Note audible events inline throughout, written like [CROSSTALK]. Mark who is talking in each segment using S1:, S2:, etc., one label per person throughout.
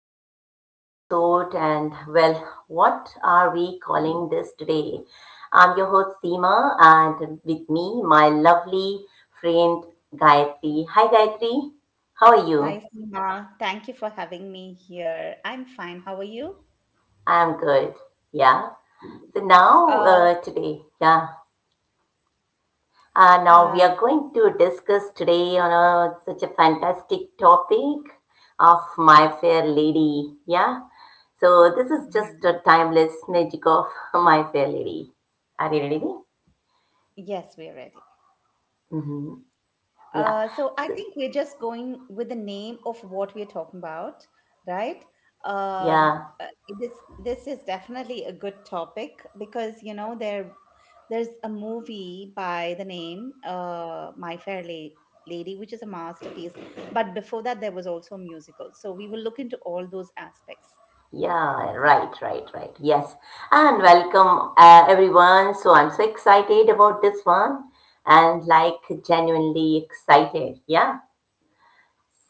S1: Welcome to another episode. And well, what are we calling this today? I'm your host Seema, and with me, my lovely friend Gayatri. Hi, Gayatri. How are you?
S2: Hi, Seema. Thank you for having me here. I'm fine. How are you?
S1: I'm good. Yeah. So now,
S2: Uh,
S1: today, yeah, now
S2: uh,
S1: we are going to discuss today on a, such a fantastic topic of My Fair Lady. Yeah. So this is just
S2: yeah.
S1: a timeless magic of [LAUGHS] My Fair Lady. Are you ready?
S2: Yes, we're ready.
S1: Mm-hmm. Yeah.
S2: So I
S1: So,
S2: think we're just going with the name of what we're talking about, right? Um,
S1: yeah.
S2: uh, this this is definitely a good topic because you know there's a movie by the name My Fair Lady, which is a masterpiece. But before that, there was also a musical. So we will look into all those aspects.
S1: Yeah. Right. Right. Right. Yes. And welcome everyone. So I'm so excited about this one and like genuinely excited. Yeah.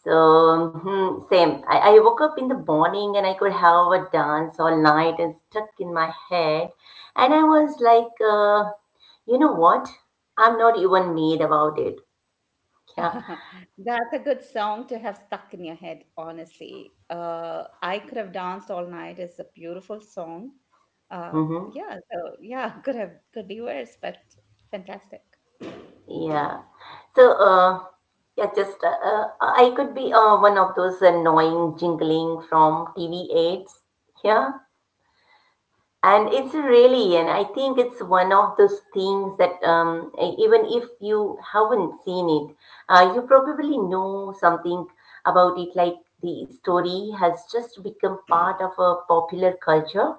S1: So, hmm, same. I woke up in the morning and I could have a dance all night and stuck in my head. And I was like, you know what? I'm not even mad about it. Yeah.
S2: [LAUGHS] That's a good song to have stuck in your head, honestly. I could have danced all night. It's a beautiful song. Uh,
S1: Mm-hmm.
S2: yeah, so yeah, [LAUGHS] could have could be worse, but fantastic.
S1: Yeah. So, yeah, just I could be one of those annoying jingling from TV ads. Yeah. And it's really, and I think it's one of those things that even if you haven't seen it, you probably know something about it. Like the story has just become part of a popular culture.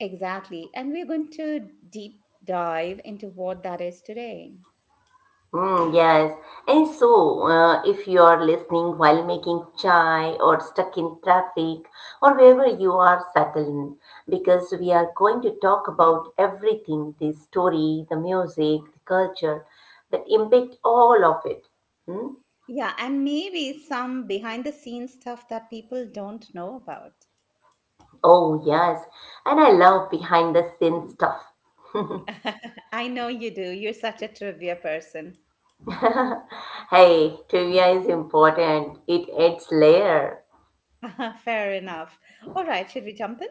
S2: Exactly. And we're going to deep dive into what that is today.
S1: Mm, yes. And so, if you are listening while making chai or stuck in traffic or wherever you are, settle in because we are going to talk about everything the story, the music, the culture that impact all of it. Hmm?
S2: Yeah, and maybe some behind the scenes stuff that people don't know about.
S1: Oh, yes. And I love behind the scenes stuff.
S2: [LAUGHS] I know you do. You're such a trivia person.
S1: [LAUGHS] Hey, trivia is important, it adds layer.
S2: [LAUGHS] Fair enough. All right, should we jump in?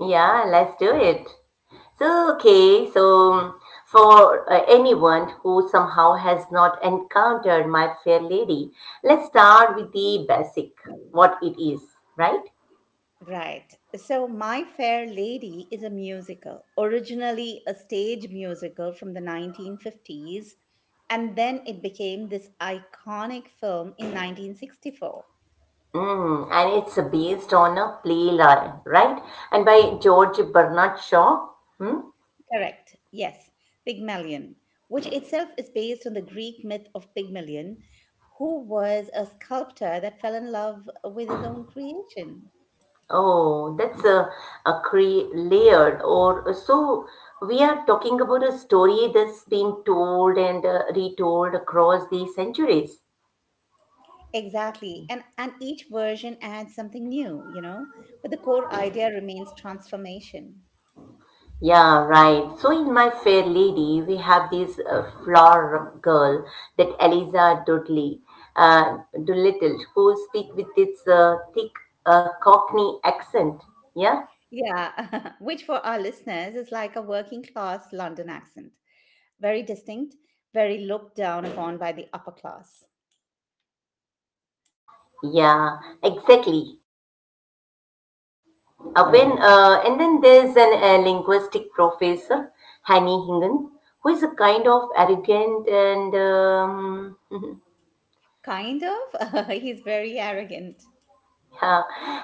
S1: Yeah, let's do it. So, okay, so for anyone who somehow has not encountered My Fair Lady, let's start with the basic, what it is, right?
S2: Right. So, My Fair Lady is a musical, originally a stage musical from the 1950s, and then it became this iconic film in 1964.
S1: Mm, and it's based on a play, right? And by George Bernard Shaw. Hmm?
S2: Correct. Yes. Pygmalion, which itself is based on the Greek myth of Pygmalion, who was a sculptor that fell in love with his own creation.
S1: Oh, that's a cre- layered or so. We are talking about a story that's been told and retold across the centuries.
S2: Exactly. And each version adds something new, you know, but the core idea remains transformation.
S1: Yeah, right. So in My Fair Lady, we have this flower girl that Eliza Dudley, uh, Doolittle, who speak with this thick Cockney accent. Yeah,
S2: Yeah, [LAUGHS] which for our listeners is like a working class London accent. Very distinct, very looked down upon by the upper class.
S1: yeah, exactly. When and then there's an linguistic professor, Hanny Hingan, who is a kind of arrogant and [LAUGHS]
S2: Kind of. [LAUGHS] He's very arrogant.
S1: Uh,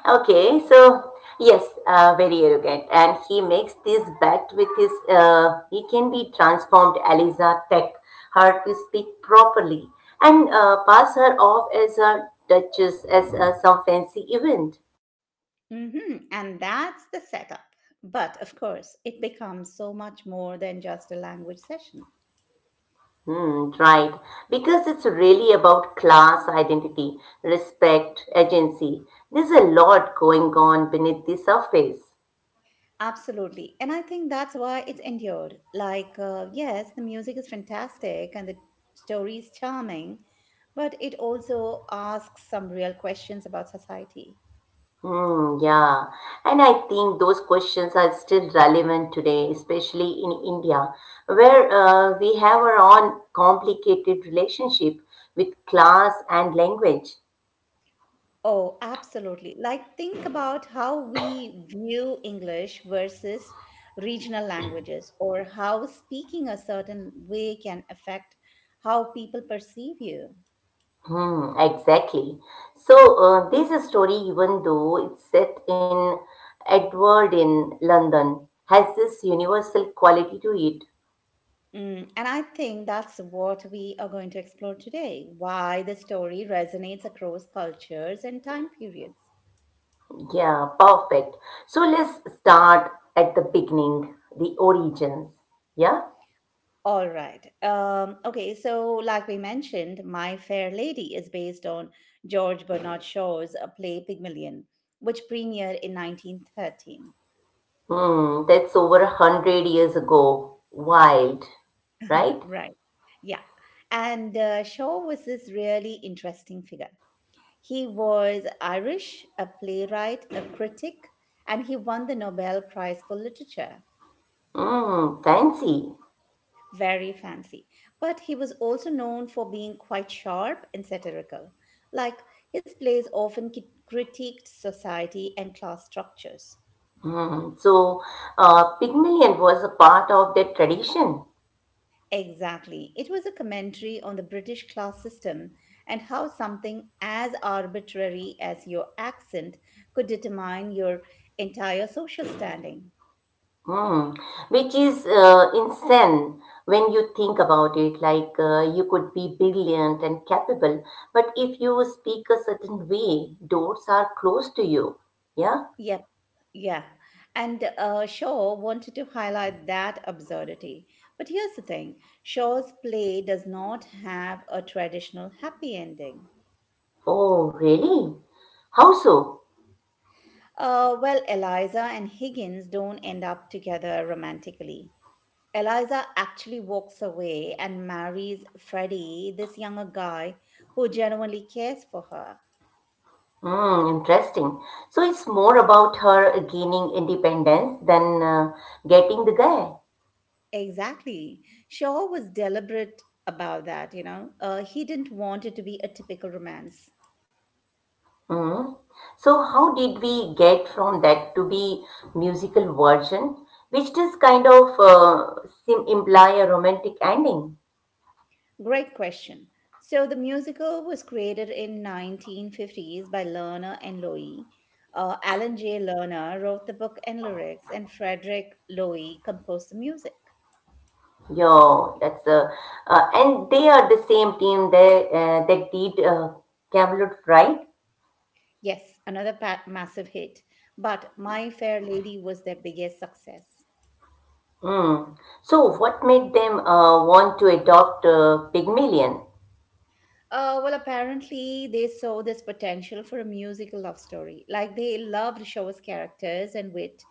S1: okay, so yes, very arrogant, and he makes this bet with his. He can be transformed, Eliza Tech, her to speak properly and pass her off as a duchess, as some fancy event.
S2: And that's the setup. But of course, it becomes so much more than just a language session.
S1: Hmm, right, because it's really about class identity, respect, agency. There's a lot going on beneath the surface.
S2: Absolutely. And I think that's why it's endured. Like, yes, the music is fantastic and the story is charming, but it also asks some real questions about society.
S1: Hmm, yeah. And I think those questions are still relevant today, especially in India, where we have our own complicated relationship with class and language.
S2: Oh, absolutely. Like, think about how we view English versus regional languages, or how speaking a certain way can affect how people perceive you.
S1: Hmm, exactly. So, this story, even though it's set in Edward in London, has this universal quality to it.
S2: Mm, and I think that's what we are going to explore today, why the story resonates across cultures and time periods.
S1: Yeah, perfect. So, let's start at the beginning, the origins. Yeah?
S2: All right. Okay, so like we mentioned, My Fair Lady is based on George Bernard Shaw's play Pygmalion, which premiered in 1913.
S1: Mm, that's over a hundred years ago. Wild, right?
S2: Right. Yeah. And Shaw was this really interesting figure. He was Irish, a playwright, a critic, and he won the Nobel Prize for Literature.
S1: Mm, fancy.
S2: Very fancy. But he was also known for being quite sharp and satirical. Like, his plays often critiqued society and class structures.
S1: Mm, so, Pygmalion was a part of that tradition,
S2: Exactly. It was a commentary on the British class system and how something as arbitrary as your accent could determine your entire social standing.
S1: mm, which is insane when you think about it. Like, you could be brilliant and capable, but if you speak a certain way, doors are closed to you. Yeah?
S2: Yes, Yeah, and Shaw wanted to highlight that absurdity. But here's the thing: Shaw's play does not have a traditional happy ending.
S1: Oh, really? How so?
S2: Well, Eliza and Higgins don't end up together romantically. Eliza actually walks away and marries Freddie, this younger guy who genuinely cares for her.
S1: Hmm, interesting. So it's more about her gaining independence than getting the guy.
S2: Exactly. Shaw was deliberate about that, you know. He didn't want it to be a typical romance.
S1: Hmm. So how did we get from that to be musical version, which does kind of sim imply a romantic ending?
S2: Great question. So the musical was created in 1950s by Lerner and Loewy. Alan J. Lerner wrote the book and lyrics, and Frederick Loewy composed the music.
S1: Yo, and they are the same team that that did Camelot, right?
S2: Yes, another massive hit, but My Fair Lady was their biggest success.
S1: Hmm. So what made them want to adopt Pygmalion?
S2: Well, apparently they saw this potential for a musical love story. Like, they loved Shaw's characters and wit,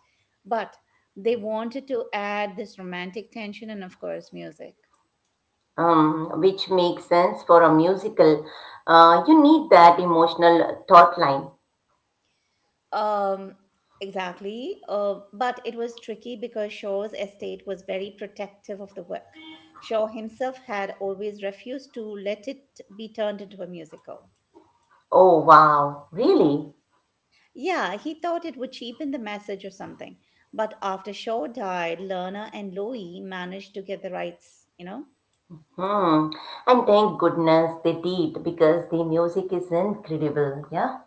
S2: but they wanted to add this romantic tension and, of course, music.
S1: Um, which makes sense for a musical. You need that emotional thought line.
S2: Um, exactly. But it was tricky because Shaw's estate was very protective of the work. Shaw himself had always refused to let it be turned into a musical.
S1: Oh, wow, really?
S2: Yeah, he thought it would cheapen the message or something. But after Shaw died, Lerner and Loewy managed to get the rights, you know?
S1: Hmm. And thank goodness they did because the music is incredible. Yeah.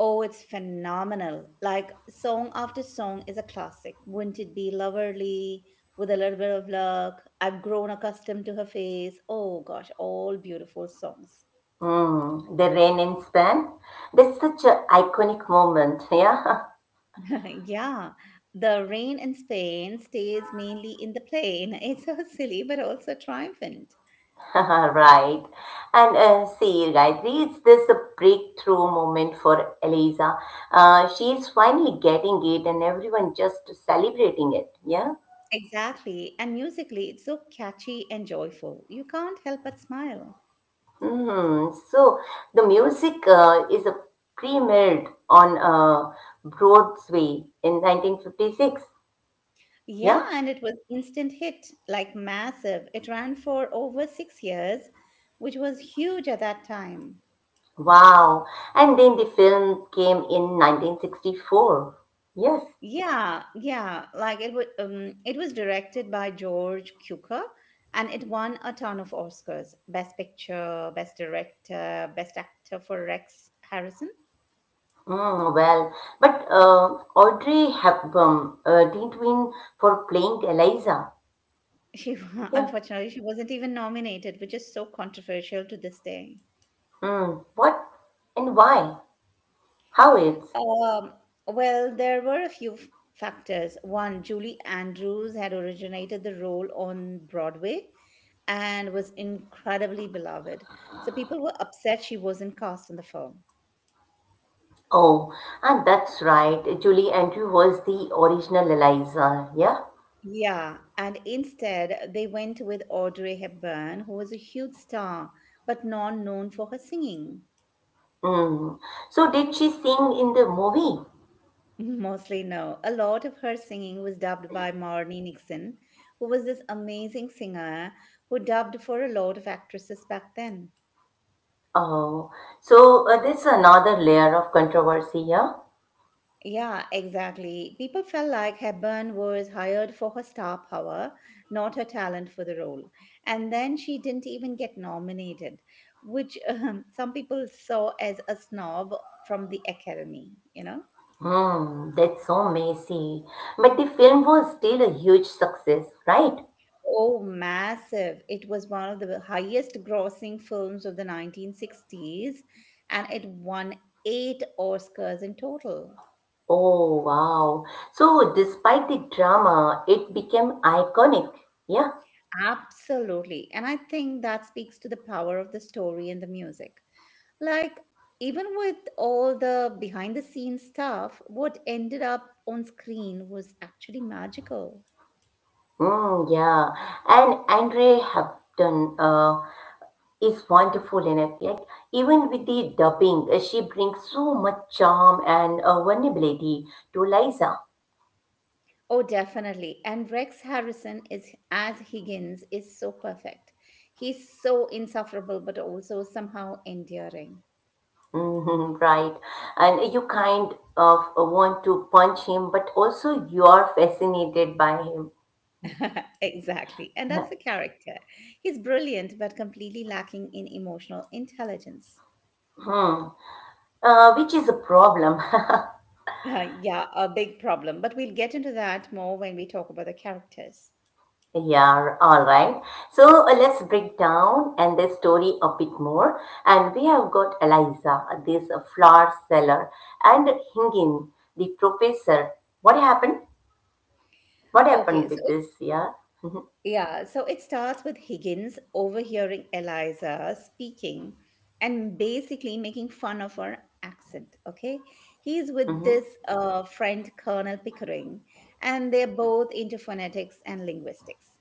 S2: Oh, it's phenomenal. Like, song after song is a classic. Wouldn't it be lovely, with a little bit of luck? I've grown accustomed to her face. Oh gosh, all beautiful songs.
S1: Hmm. The rain and span. That's such an iconic moment. Yeah. [LAUGHS]
S2: [LAUGHS] Yeah. The rain in Spain stays mainly in the plain. [LAUGHS] It's so silly, but also triumphant.
S1: [LAUGHS] Right. And see, Gayatri, it's this a breakthrough moment for Eliza. She's finally getting it, and everyone just celebrating it. Yeah.
S2: Exactly. And musically, it's so catchy and joyful. You can't help but smile.
S1: Mm, so the music is premiered on Broadway in 1956.
S2: Yeah,
S1: Yeah.
S2: and it was instant hit, like massive. It ran for over 6 years, which was huge at that time.
S1: Wow. And then the film came in 1964. Yes.
S2: Yeah, yeah, like it would. It was directed by George Cukor, and it won a ton of Oscars: Best Picture, Best Director, Best Actor for Rex Harrison.
S1: Mm, well, but Audrey Hepburn didn't win for playing Eliza.
S2: She [LAUGHS]
S1: Yeah.
S2: unfortunately she wasn't even nominated, which is so controversial to this day.
S1: Mm, what and why? How it's?
S2: Um, well, there were a few factors. One, Julie Andrews had originated the role on Broadway and was incredibly beloved. So people were upset she wasn't cast in the film.
S1: Oh, and that's right. Julie Andrew was the original Eliza. Yeah.
S2: Yeah, and instead they went with Audrey Hepburn, who was a huge star but not known for her singing.
S1: Mm. So did she sing in the movie?
S2: [LAUGHS] Mostly no. A lot of her singing was dubbed by Marnie Nixon, who was this amazing singer who dubbed for a lot of actresses back then.
S1: Oh, so this is another layer of controversy here.
S2: Yeah, exactly. People felt like Hepburn was hired for her star power, not her talent for the role. And then she didn't even get nominated, which [LAUGHS] some people saw as a snob from the Academy, you know?
S1: Hmm, that's so messy. But the film was still a huge success, right?
S2: Oh, massive. It was one of the highest grossing films of the 1960s, and it won 8 Oscars in total.
S1: Oh, wow. So despite the drama, it became iconic. Yeah.
S2: Absolutely. And I think that speaks to the power of the story and the music. Like, even with all the behind the scenes stuff, what ended up on screen was actually magical.
S1: Mm, yeah. And Andre Hampton is wonderful in it. Yet, even with the dubbing, she brings so much charm and vulnerability to Liza.
S2: Oh, definitely. And Rex Harrison is as Higgins is so perfect. He's so insufferable, but also somehow endearing.
S1: Mhm, right. And you kind of want to punch him, but also you are fascinated by him.
S2: [LAUGHS] Exactly. And that's the
S1: [LAUGHS]
S2: character. He's brilliant, but completely lacking in emotional intelligence.
S1: Hmm. Which is a problem. [LAUGHS]
S2: Yeah, a big problem. But we'll get into that more when we talk about the characters.
S1: Yeah, all right. So let's break down and the story a bit more. And we have got Eliza, this flower seller, and Hingin, the professor. What happened? What
S2: Okay,
S1: happened
S2: so
S1: with this? Yeah. [LAUGHS]
S2: it starts with Higgins overhearing Eliza speaking and basically making fun of her accent. Okay, he's with
S1: Hmm.
S2: this friend, Colonel Pickering, and they're both into phonetics and linguistics.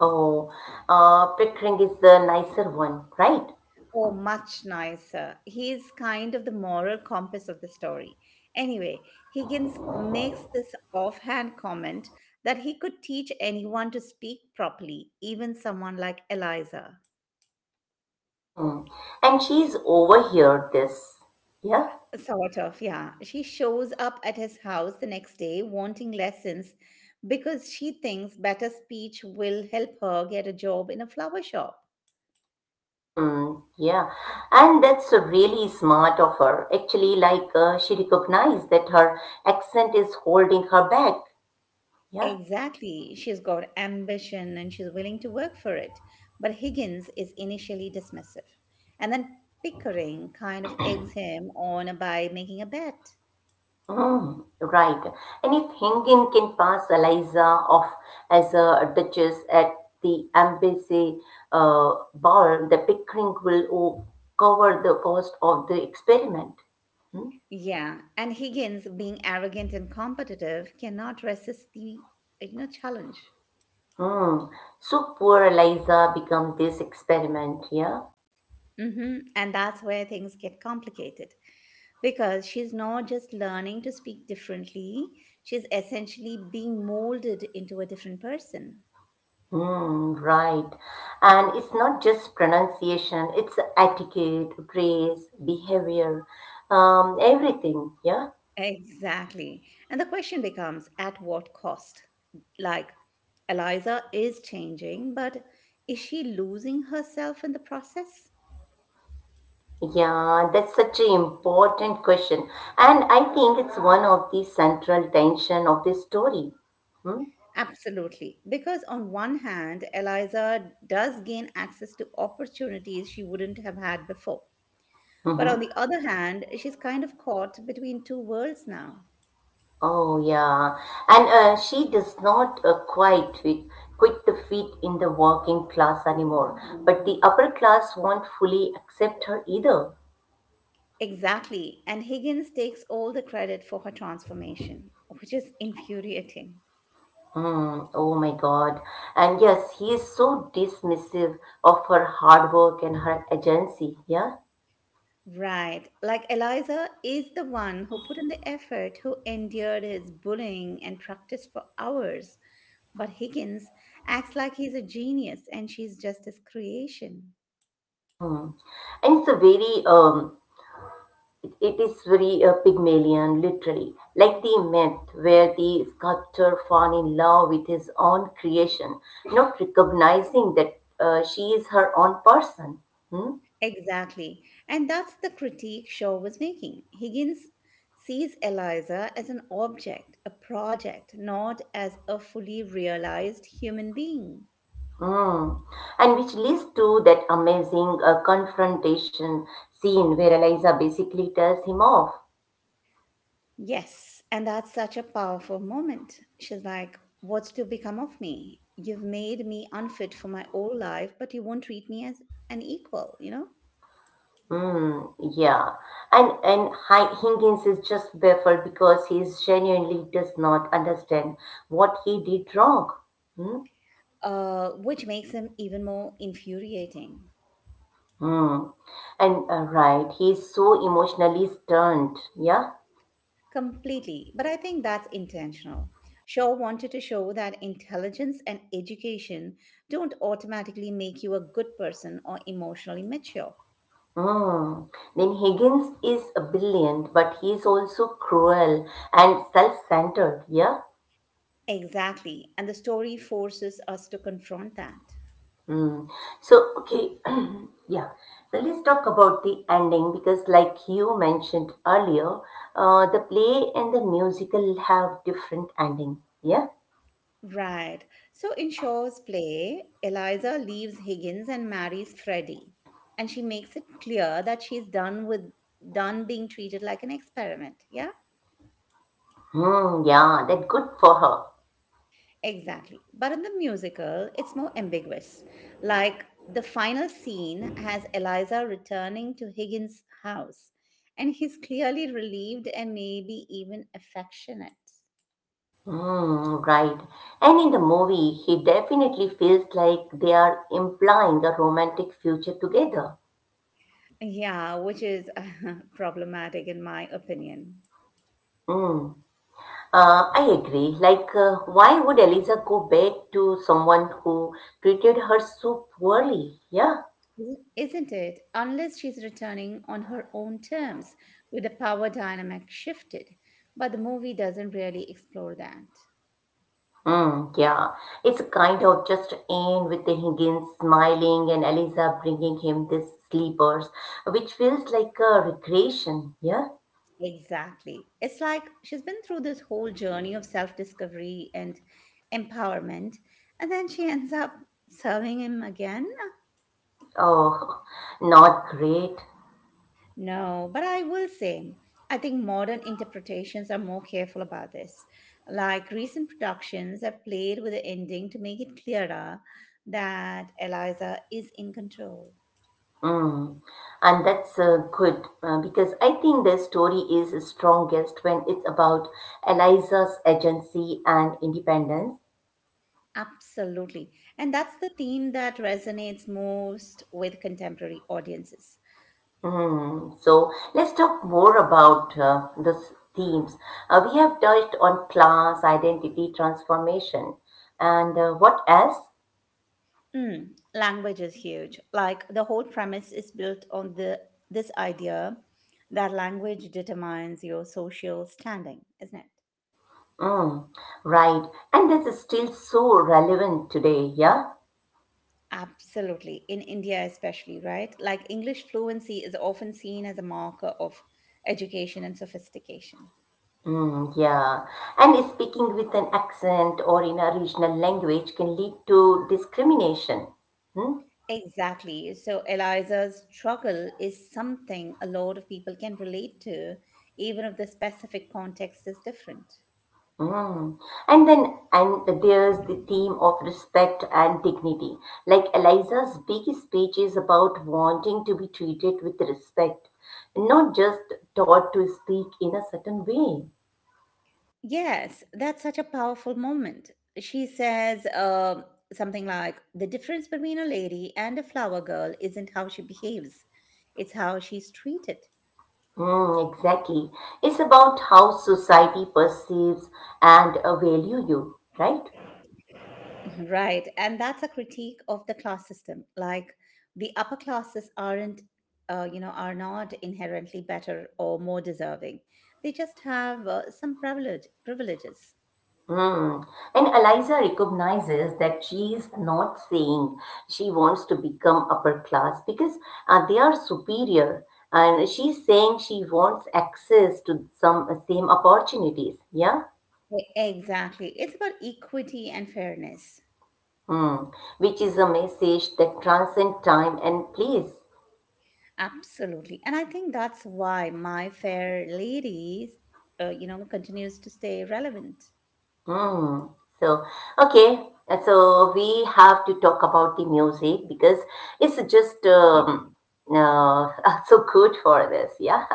S1: Oh, Pickering is the nicer one, right?
S2: Oh, much nicer. He is kind of the moral compass of the story. Anyway, Higgins makes this offhand comment that he could teach anyone to speak properly, even someone like Eliza.
S1: Hmm. And she's overheard this. Yeah.
S2: Sort of, yeah. She shows up at his house the next day wanting lessons because she thinks better speech will help her get a job in a flower shop.
S1: Hmm. Yeah. And that's really smart of her. Actually, like she recognized that her accent is holding her back. Yeah.
S2: Exactly. She's got ambition and she's willing to work for it. But Higgins is initially dismissive. And then Pickering kind of eggs him on by making a bet.
S1: Hmm. Right. And if Hingin can pass Eliza off as a duchess at the embassy ball, the Pickering will cover the cost of the experiment. Hmm?
S2: Yeah, and Higgins, being arrogant and competitive, cannot resist the, you know, challenge.
S1: Hmm. So poor Eliza become this experiment, yeah?
S2: And that's where things get complicated because she's not just learning to speak differently; she's essentially being molded into a different person.
S1: Hmm, right. And it's not just pronunciation, it's etiquette, grace, behavior, everything, yeah?
S2: Exactly. And the question becomes, at what cost? Like, Eliza is changing, but is she losing herself in the process?
S1: Yeah, that's such an important question. And I think it's one of the central tension of this story. Hmm?
S2: Absolutely. Because on one hand, Eliza does gain access to opportunities she wouldn't have had before. But on
S1: Mm-hmm.
S2: the other hand, she's kind of caught between two worlds now.
S1: Oh yeah, and she does not quit the fit in the working class anymore. But the upper class won't fully accept her either.
S2: Exactly. And Higgins takes all the credit for her transformation, which is infuriating.
S1: Hmm. Oh my God! And yes, he is so dismissive of her hard work and her agency. Yeah.
S2: Right. Like, Eliza is the one who put in the effort, who endured his bullying and practiced for hours. But Higgins acts like he's a genius and she's just his creation.
S1: Hmm. And it's a very It is very Pygmalion, literally, like the myth where the sculptor fall in love with his own creation, not recognizing that she is her own person. Hmm?
S2: Exactly. And that's the critique Shaw was making. Higgins sees Eliza as an object, a project, not as a fully realized human being.
S1: Mm. And which leads to that amazing confrontation scene where Eliza basically tells him off.
S2: Yes, and that's such a powerful moment. She's like, "What's to become of me? You've made me unfit for my old life, but you won't treat me as an equal," you know?
S1: Mm, yeah. And Higgins is just baffled because he is genuinely does not understand what he did wrong. Hmm?
S2: Which makes him even more infuriating.
S1: Hmm. And right, he's so emotionally stunned. Yeah.
S2: Completely. But I think that's intentional. Shaw wanted to show that intelligence and education don't automatically make you a good person or emotionally mature.
S1: Hmm. Then Higgins is brilliant, but he's also cruel and self-centered. Yeah.
S2: Exactly. And the story forces us to confront that.
S1: Hmm. So okay, [CLEARS THROAT] yeah. So let's talk about the ending because, like you mentioned earlier, the play and the musical have different ending. Yeah.
S2: Right. So in Shaw's play, Eliza leaves Higgins and marries Freddie, and she makes it clear that she's done with done being treated like an experiment. Yeah,
S1: Hmm. Yeah. That good for her.
S2: exactly. But in the musical, it's more ambiguous. Like, the final scene has Eliza returning to Higgins' house, and he's clearly relieved and maybe even affectionate.
S1: Mm, right. And in the movie, he definitely feels like they are implying a romantic future together.
S2: Yeah, which is [LAUGHS] problematic in my opinion.
S1: Mm. I agree. Like, why would Eliza go back to someone who treated her so poorly? Yeah.
S2: Isn't it? Unless she's returning on her own terms, with the power dynamic shifted. But the movie doesn't really explore that.
S1: Mm, yeah. It's kind of just end with the Higgins smiling and Eliza bringing him these sleepers, which feels like a regression. Yeah.
S2: Exactly. It's like she's been through this whole journey of self discovery and empowerment, and then she ends up serving him again.
S1: Oh, [LAUGHS] not great.
S2: No, but I will say, I think modern interpretations are more careful about this. Like, recent productions have played with the ending to make it clearer that Eliza is in control.
S1: Mm. And that's good because I think the story is strongest when it's about Eliza's agency and independence.
S2: Absolutely. And that's the theme that resonates most with contemporary audiences.
S1: Mm. So let's talk more about these themes. We have touched on class, identity, transformation, and what else?
S2: Mm, language is huge. Like, the whole premise is built on the this idea that language determines your social standing, isn't it?
S1: Mm. Right. And this is still so relevant today, yeah?
S2: Absolutely. In India, especially, right? Like English fluency is often seen as a marker of education and sophistication.
S1: Mm, yeah, and speaking with an accent or in a regional language can lead to discrimination. Hmm?
S2: Exactly. So Eliza's struggle is something a lot of people can relate to, even if the specific context is different.
S1: Mm. And then, and there's the theme of respect and dignity. Like Eliza's big speech is about wanting to be treated with respect, not just taught to speak in a certain way.
S2: Yes, that's such a powerful moment. She says something like, "The difference between a lady and a flower girl isn't how she behaves, it's how she's treated."
S1: Mm, exactly. It's about how society perceives and value you, right?
S2: Right. And that's a critique of the class system. Like the upper classes aren't, are not inherently better or more deserving. They just have some privileges.
S1: Hmm. And Eliza recognizes that she is not saying she wants to become upper class because they are superior. And she's saying she wants access to some same opportunities. Yeah.
S2: Exactly. It's about equity and fairness.
S1: Hmm. Which is a message that transcends time and place.
S2: Absolutely. And I think that's why My Fair Ladies, continues to stay relevant.
S1: Hmm. So, okay. And so we have to talk about the music because it's just uh, [LAUGHS] so good for this. Yeah.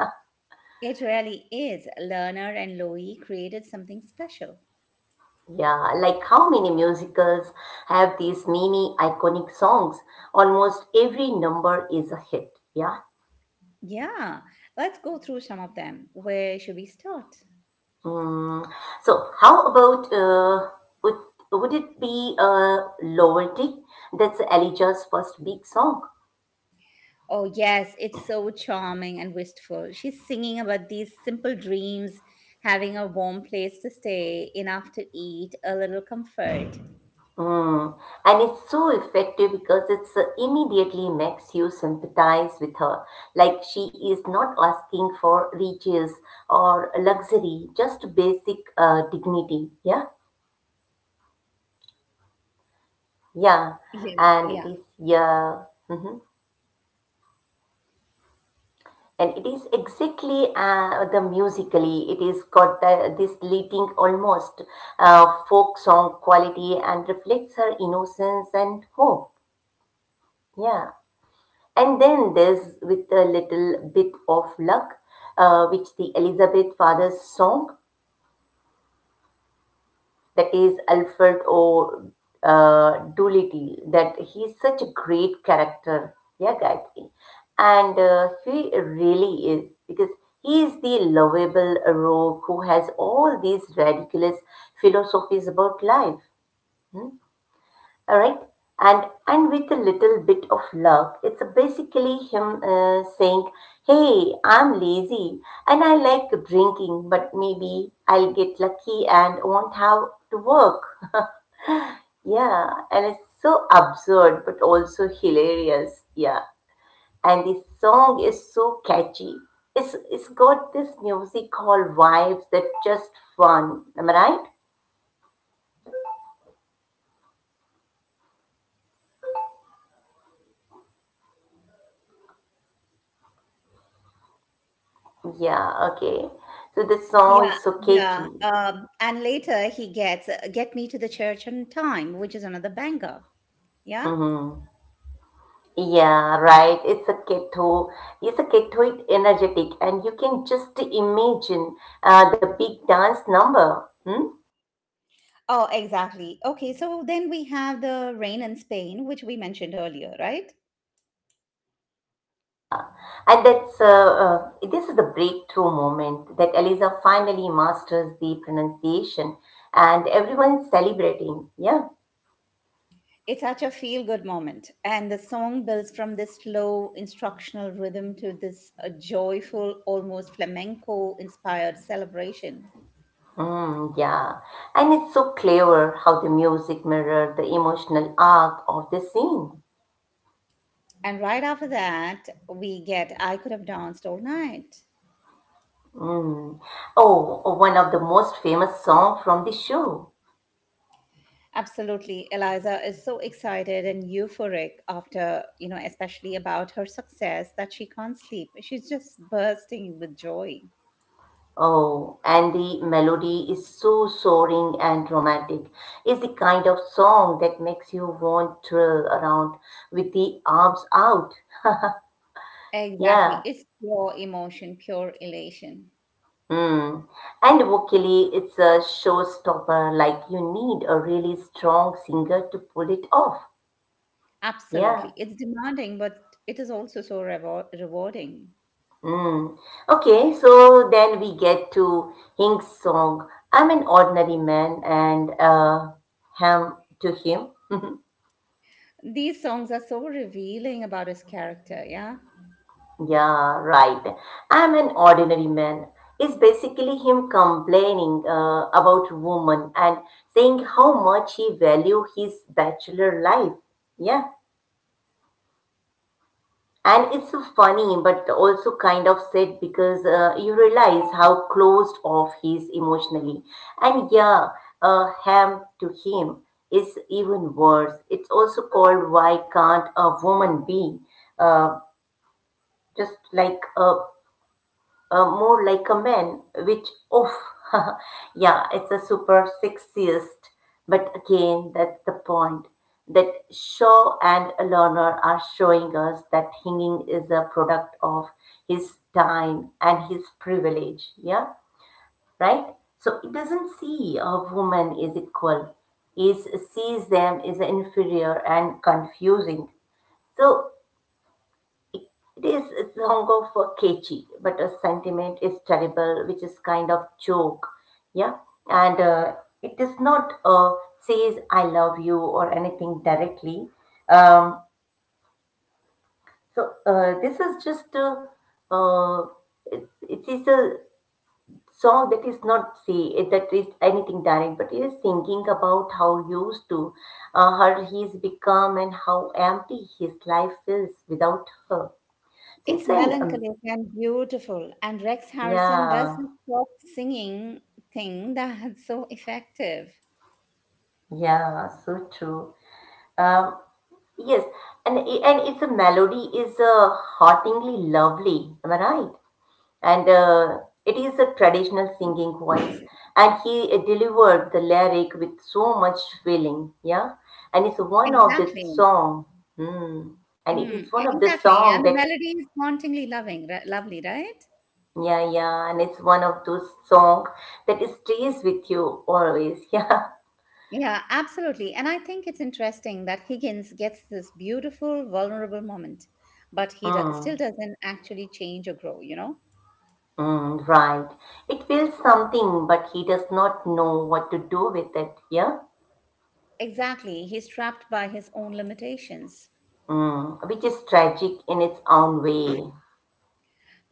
S2: It really is. Lerner and Loewy created something special.
S1: Yeah, like how many musicals have these many iconic songs? Almost every number is a hit. Yeah.
S2: Yeah, let's go through some of them. Where should we start?
S1: Mm. So, how about would would it be Loyalty? That's Elijah's first big song.
S2: Oh, yes, it's so charming and wistful. She's singing about these simple dreams, having a warm place to stay, enough to eat, a little comfort.
S1: Mm. And it's so effective because it's immediately makes you sympathize with her. Like she is not asking for riches or luxury, just basic dignity. Yeah. Yeah,
S2: Yeah,
S1: and it
S2: yeah,
S1: is yeah, hmm and it is exactly the musically. It is got the, this leading almost folk song quality and reflects her innocence and hope. Yeah, and then there's with a little bit of luck, which the Elizabeth Father's song that is Alfred O. Doolittle, that he's such a great character, yeah, Gayatri. And He really is, because he is the lovable rogue who has all these ridiculous philosophies about life, all right? And with a little bit of luck, it's basically him saying, "Hey, I'm lazy and I like drinking, but maybe I'll get lucky and won't have to work." Yeah, and it's so absurd but also hilarious. Yeah, and the song is so catchy. It's got this music hall vibes that just fun. Am I right? Yeah. Okay. So the song
S2: yeah,
S1: is so
S2: yeah.
S1: catchy.
S2: And later he gets get me to the church on time, which is another banger. Yeah.
S1: Hmm. Yeah. Right. It's a keto. It's a ketoid energetic, and you can just imagine the big dance number. Hmm?
S2: Oh, exactly. Okay, so then we have the rain in Spain, which we mentioned earlier, right?
S1: Yeah, and that's this is the breakthrough moment that Eliza finally masters the pronunciation, and everyone's celebrating. Yeah.
S2: It's such a feel good moment. And the song builds from this slow instructional rhythm to this joyful, almost flamenco inspired celebration.
S1: Yeah, and it's so clever how the music mirrored the emotional arc of the scene.
S2: And right after that, we get I Could Have Danced All Night.
S1: Mm. Oh, one of the most famous songs from the show.
S2: Absolutely. Eliza is so excited and euphoric after, you know, especially about her success that she can't sleep. She's just bursting with joy.
S1: Oh, and the melody is so soaring and romantic. It's the kind of song that makes you want to twirl around with the arms out.
S2: Exactly.
S1: Yeah.
S2: It's pure emotion, pure elation.
S1: Hmm. And vocally, it's a showstopper. Like you need a really strong singer to pull it off. Yeah.
S2: Absolutely. It's demanding, but it is also so rewarding.
S1: Mm. Okay, so then we get to Hink's song. I'm an ordinary man, and him to him. [LAUGHS]
S2: These songs are so revealing about his character, yeah?
S1: Yeah, right. I'm an ordinary man. It's basically him complaining about woman and saying how much he value his bachelor life. Yeah, and it's so funny but also kind of sad because you realize how closed off he is emotionally. And yeah, ham to him is even worse. It's also called why can't a woman be? Uh, just like a more like a man, which, oof, [LAUGHS] yeah, it's a super sexist. But again, that's the point that Shaw and Lerner are showing us that hanging is a product of his time and his privilege. Yeah, right? So it doesn't see a woman is equal. It sees them as inferior and confusing. So it is a longer for catchy, but a sentiment is terrible, which is kind of joke. Yeah. And it is not says I love you or anything directly. Um, so this is just a, uh, it, it is a song that is not say that is anything direct, but it is thinking about how used to her he is become and how empty his life is without her. So
S2: It's
S1: it's an
S2: melancholic and beautiful, and Rex Harrison
S1: yeah.
S2: doesn't stop singing thing that's so effective.
S1: Yeah, so true. Um, yes, and it's a melody is hauntingly lovely. Am I right? And it is a traditional singing voice, and he delivered the lyric with so much feeling. Yeah, and it's one of the
S2: Exactly.
S1: song. Hmm. And it is
S2: Mm,
S1: one of the
S2: exactly.
S1: song
S2: And the
S1: that
S2: melody is hauntingly loving, lovely, right?
S1: yeah, and it's one of those song that stays with you always. [LAUGHS] Yeah.
S2: Yeah, absolutely. And I think it's interesting that Higgins gets this beautiful, vulnerable moment, but he still
S1: Hmm.
S2: doesn't actually change or grow, you know?
S1: Mm, right. It feels something, but he does not know what to do with it, yeah?
S2: Exactly. He's trapped by his own limitations.
S1: Mm, which is tragic in its own way,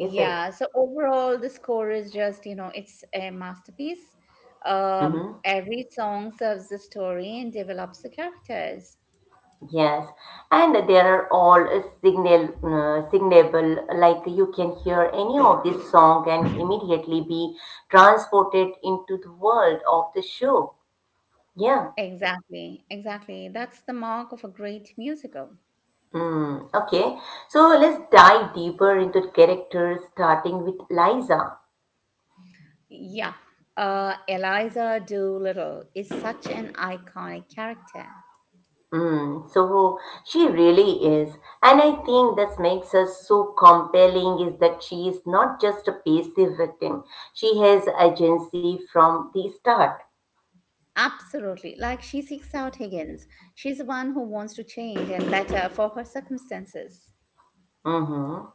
S1: is it?
S2: So overall, the score is just, you know, it's a masterpiece.
S1: Hmm.
S2: Every song serves the story and develops the characters.
S1: Yes. And there are all signable, like you can hear any of this song and immediately be transported into the world of the show. Yeah.
S2: Exactly. Exactly. That's the mark of a great musical.
S1: Mm, okay. So let's dive deeper into the characters, starting with Liza.
S2: Yeah. Eliza Doolittle is such an iconic character.
S1: Mm, so she really is. And I think this makes her so compelling is that she is not just a passive victim. She has agency from the start.
S2: Absolutely. Like she seeks out Higgins. She's the one who wants to change and better for her circumstances.
S1: Mm-hmm.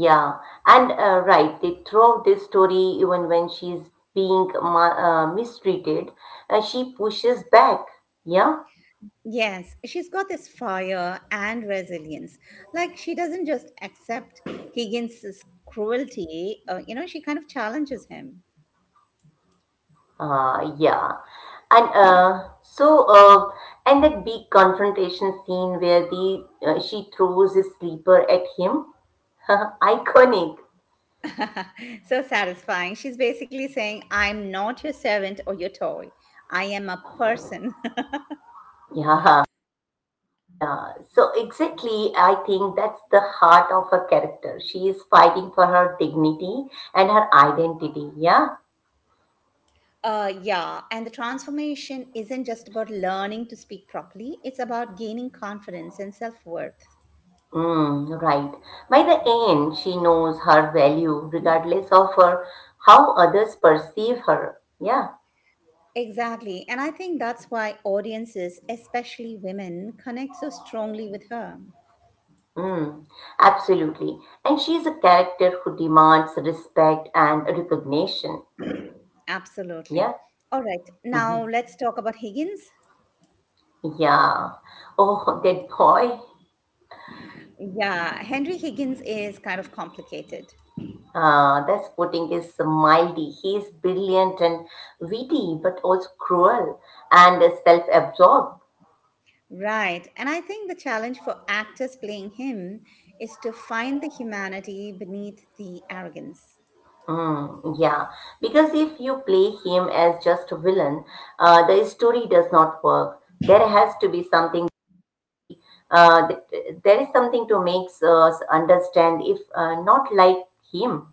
S1: Yeah. And right, they throughout this story, even when she's being mistreated, she pushes back. Yeah.
S2: Yes, she's got this fire and resilience. Like she doesn't just accept Higgins' cruelty, she kind of challenges him.
S1: Yeah. And and that big confrontation scene where the she throws his sleeper at him, [LAUGHS] iconic.
S2: [LAUGHS] so satisfying. She's basically saying, "I'm not your servant or your toy. I am a person."
S1: Yeah, yeah. So exactly, I think that's the heart of her character. She is fighting for her dignity and her identity. Yeah.
S2: [LAUGHS] Yeah, and the transformation isn't just about learning to speak properly, it's about gaining confidence and self worth.
S1: Mm, right. By the end, she knows her value regardless of her how others perceive her. Yeah.
S2: Exactly. And I think that's why audiences, especially women, connect so strongly with her.
S1: Mm, absolutely. And she's a character who demands respect and recognition.
S2: Absolutely.
S1: Yeah.
S2: All right. Now
S1: Mhm.
S2: let's talk about Higgins.
S1: Yeah. Oh, that boy.
S2: Yeah, Henry Higgins is kind of complicated.
S1: That's putting is mildy. He is brilliant and witty, but also cruel and self-absorbed.
S2: Right. And I think the challenge for actors playing him is to find the humanity beneath the arrogance.
S1: Mm, yeah, because if you play him as just a villain, the story does not work. There has to be something uh, th- there is something to make us understand if not like him.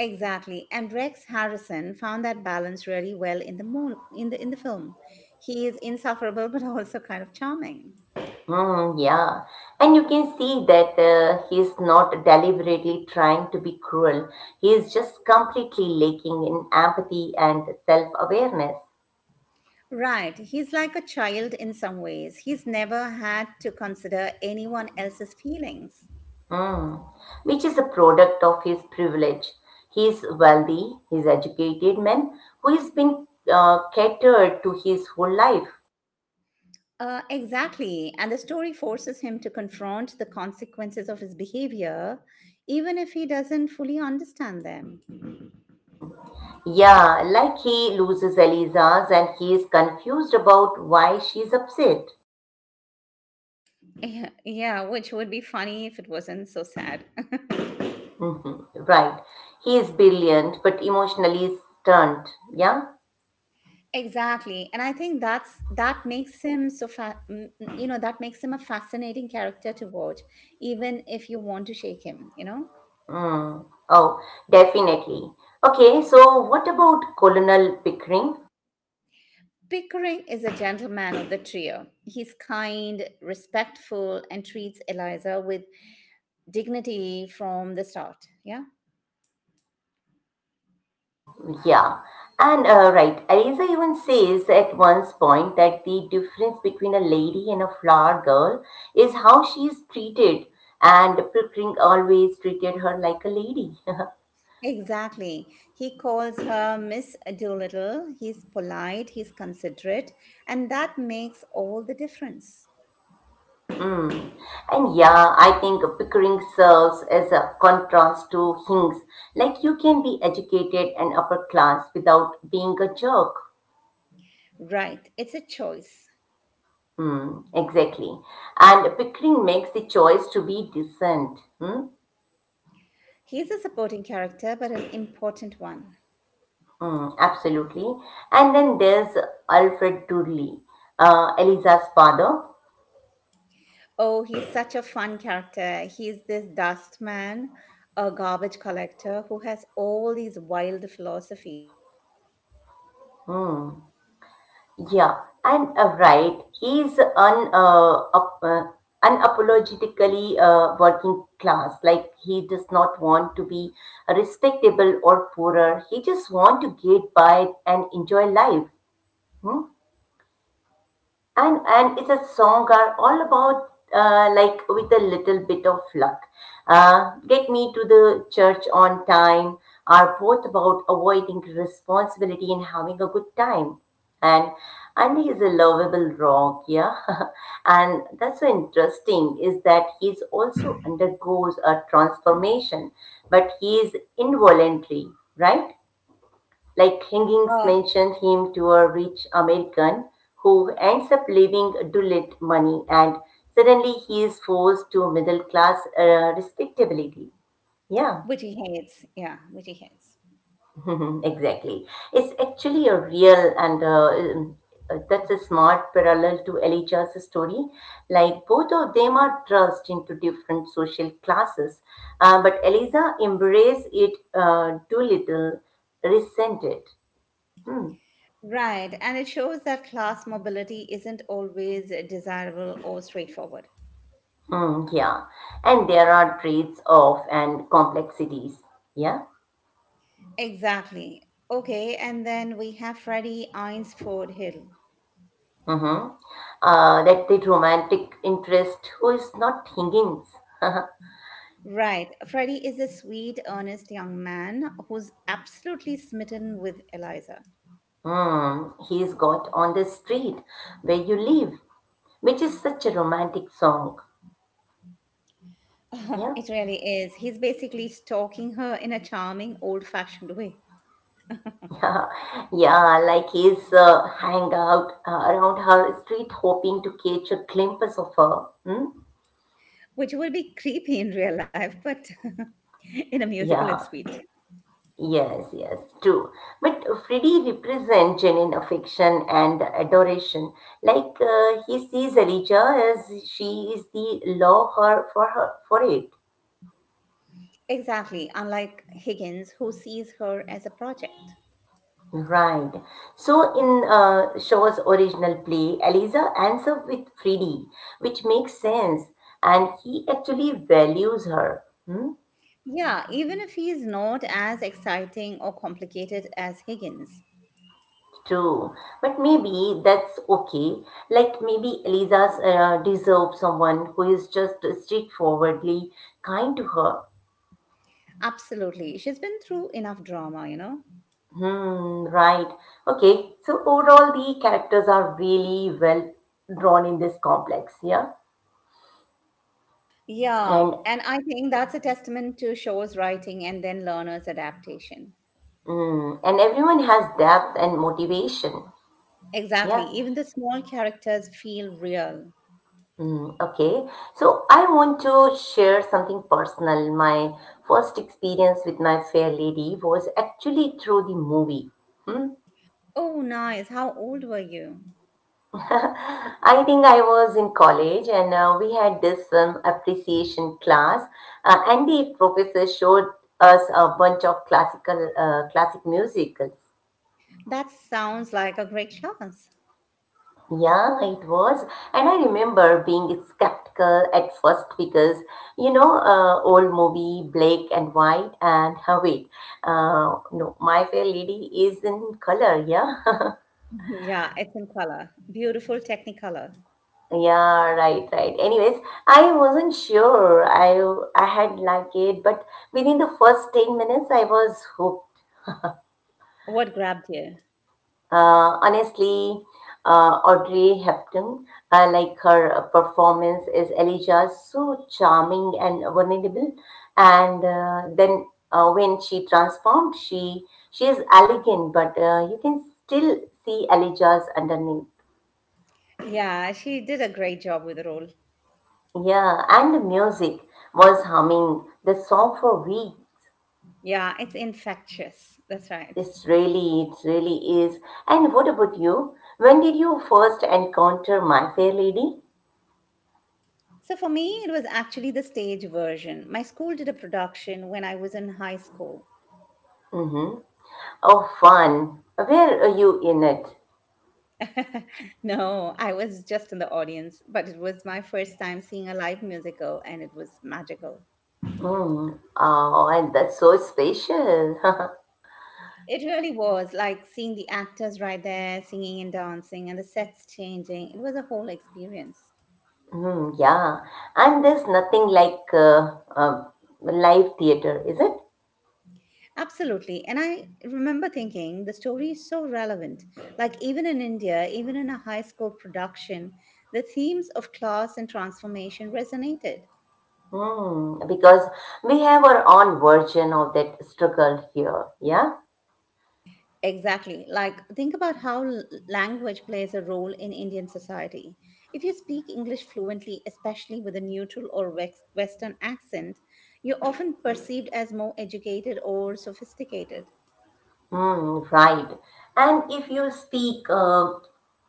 S2: Exactly. And Rex Harrison found that balance really well in the mo- in the film. He is insufferable [LAUGHS] but also kind of charming.
S1: Mm, yeah. And you can see that he's not deliberately trying to be cruel. He is just completely lacking in empathy and self awareness,
S2: Right. He's like a child in some ways. He's never had to consider anyone else's feelings.
S1: which is a product of his privilege. He is wealthy, he is educated man who has been catered to his whole life.
S2: Exactly. And the story forces him to confront the consequences of his behavior, even if he doesn't fully understand them.
S1: Yeah, like he loses Eliza's and he is confused about why she's upset.
S2: Yeah, yeah, which would be funny if it wasn't so sad. [LAUGHS]
S1: Hmm. Right. He is brilliant but emotionally stunned. Yeah?
S2: Exactly. And I think that makes him so that makes him a fascinating character to watch, even if you want to shake him, you know?
S1: Mm. Oh, definitely. Okay, so what about Colonel Pickering?
S2: Pickering is a gentleman of the trio. He's kind, respectful, and treats Eliza with dignity from the start. Yeah.
S1: Yeah. And right, Eliza even says at one point that the difference between a lady and a flower girl is how she is treated, and Pickering always treated her like a lady. [LAUGHS]
S2: Exactly. He calls her Miss Doolittle. He's polite, he's considerate, and that makes all the difference.
S1: Mm. And yeah, I think Pickering serves as a contrast to Hinks. Like you can be educated and upper class without being a jerk.
S2: Right, it's a choice.
S1: Mm, exactly. And Pickering makes the choice to be decent. Hmm?
S2: He's a supporting character, but an important one.
S1: Mm, absolutely. And then there's Alfred Dudley, Eliza's father.
S2: Oh, he's such a fun character. He's this dustman, a garbage collector who has all these wild philosophies,
S1: Mm. Yeah, and right, he's unapologetically working class. Like he does not want to be respectable or poorer. He just want to get by and enjoy life. Hmm? And it's a song are all about like with a little bit of luck get me to the church on time are both about avoiding responsibility and having a good time, and andy is a lovable rock, yeah. [LAUGHS] And that's so interesting is that he's also undergoes a transformation, but he is involuntary, right? Like Higgins
S2: uh,
S1: mentions him to a rich American who ends up leaving Doolittle money, and suddenly he is forced to middle class respectability. Yeah.
S2: which he hates. Yeah, which he hates.
S1: [LAUGHS] Exactly. It's actually a real and that's a smart parallel to Elijah's story. Like both of them are thrust into different social classes, but Eliza embraced it too little, resented. Hmm.
S2: Right, and it shows that class mobility isn't always desirable or straightforward.
S1: Mm, yeah. And there are traits of and complexities. Yeah.
S2: Exactly. Okay, and then we have Freddie Eynsford Hill.
S1: Mm-hmm. That the romantic interest who is not thinking. [LAUGHS]
S2: Right. Freddie is a sweet, earnest young man who's absolutely smitten with Eliza. [LAUGHS]
S1: Mm, he's got on the street where you live, which is such a romantic song.
S2: Oh,
S1: Yeah.
S2: it really is. He's basically stalking her in a charming, old fashioned way,
S1: [LAUGHS] Yeah, yeah, like he's hang out around her street hoping to catch a glimpse of her. Hmm?
S2: which would be creepy in real life, but [LAUGHS] in a musical, it's
S1: Yeah,
S2: sweet.
S1: yes, yes, true. But Freddy represents genuine affection and adoration. Like he sees Elijah as she is the law her for her for it.
S2: Exactly. Unlike Higgins, who sees her as a project.
S1: Right. So in Shaw's original play, Eliza ends up with Freddy, which makes sense, and he actually values her. Hmm?
S2: Yeah, even if he is not as exciting or complicated as Higgins.
S1: True, but maybe that's okay. Like maybe Eliza deserves someone who is just straightforwardly kind to her.
S2: Absolutely. She's been through enough drama, you know?
S1: Hmm, right. Okay, so overall, the characters are really well drawn in this complex, yeah?
S2: Yeah.
S1: And
S2: And I think that's a testament to show's writing and then learner's adaptation.
S1: mm, and everyone has depth and motivation,
S2: Exactly.
S1: yeah?
S2: Even the small characters feel real.
S1: Mm, okay, so I want to share something personal. My first experience with My Fair Lady was actually through the movie. Hmm?
S2: Oh, nice. How old were you?
S1: [LAUGHS] I think I was in college, and we had this film appreciation class, and the professor showed us a bunch of classic musicals.
S2: That sounds like a great class. [LAUGHS]
S1: Yeah, it was. And I remember being skeptical at first because, you know, old movie, black and white, and [LAUGHS] no, My Fair Lady is in color, yeah? [LAUGHS]
S2: Yeah, it's in color. Beautiful technicolor.
S1: Yeah, right, right. Anyways, I wasn't sure I had liked it, but within the first 10 minutes, I was hooked.
S2: What grabbed you?
S1: Honestly, Audrey Hepburn, like her performance is Elijah so charming and vulnerable, and then when she transformed, she is elegant, but you can still see Elijah's underneath.
S2: Yeah, she did a great job with the role.
S1: Yeah, and the music was humming the song for we.
S2: Yeah, it's infectious. That's right.
S1: It's really, it really is. And what about you? When did you first encounter My Fair Lady?
S2: So for me, it was actually the stage version. My school did a production when I was in high school.
S1: Mm-hmm. Oh, fun. Where are you in it?
S2: [LAUGHS] No, I was just in the audience, but it was my first time seeing a live musical and it was magical.
S1: Mm. Oh, and that's so special. [LAUGHS]
S2: It really was like seeing the actors right there singing and dancing and the sets changing. It was a whole experience.
S1: Mm, yeah. And there's nothing like live theater, is it?
S2: Absolutely. And I remember thinking the story is so relevant. Like, even in India, even in a high school production, the themes of class and transformation resonated.
S1: Mm, because we have our own version of that struggle here. Yeah.
S2: Exactly. Like, think about how language plays a role in Indian society. If you speak English fluently, especially with a neutral or Western accent, you're often perceived as more educated or sophisticated.
S1: Mm, right. And if you speak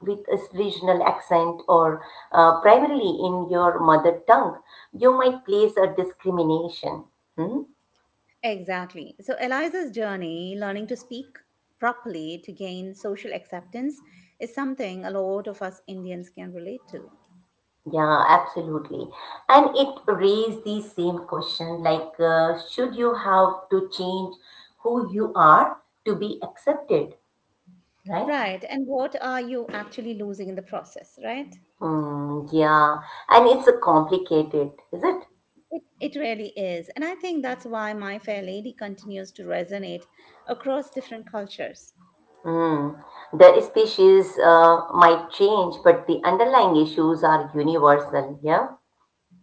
S1: with a regional accent or primarily in your mother tongue, you might place a discrimination. Hmm?
S2: Exactly. So, Eliza's journey learning to speak properly to gain social acceptance is something a lot of us Indians can relate to.
S1: Yeah, absolutely. And it raised the same question like, should you have to change who you are to be accepted, right?
S2: Right. And what are you actually losing in the process, right?
S1: Mm, yeah, and it's a complicated, is it?
S2: It really is. And I think that's why My Fair Lady continues to resonate across different cultures.
S1: Mm. The species might change, but the underlying issues are universal, yeah?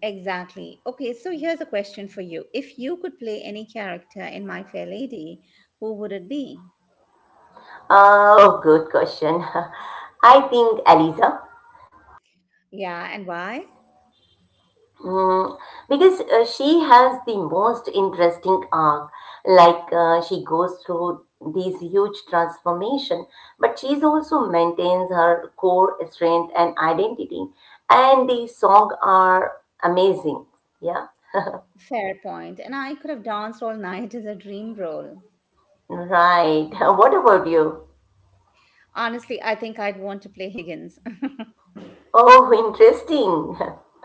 S2: Exactly. Okay, so here's a question for you. If you could play any character in My Fair Lady, who would it be?
S1: Oh, good question. [LAUGHS] I think, Aliza.
S2: Yeah, and why?
S1: Mm, because she has the most interesting arc. Like she goes through these huge transformation, but she's also maintains her core strength and identity. And the song are amazing. Yeah,
S2: Fair point. And I could have danced all [LAUGHS] night as a dream role.
S1: right. [LAUGHS] What about you?
S2: Honestly, I think I'd want to play Higgins. [LAUGHS]
S1: Oh, interesting. [LAUGHS]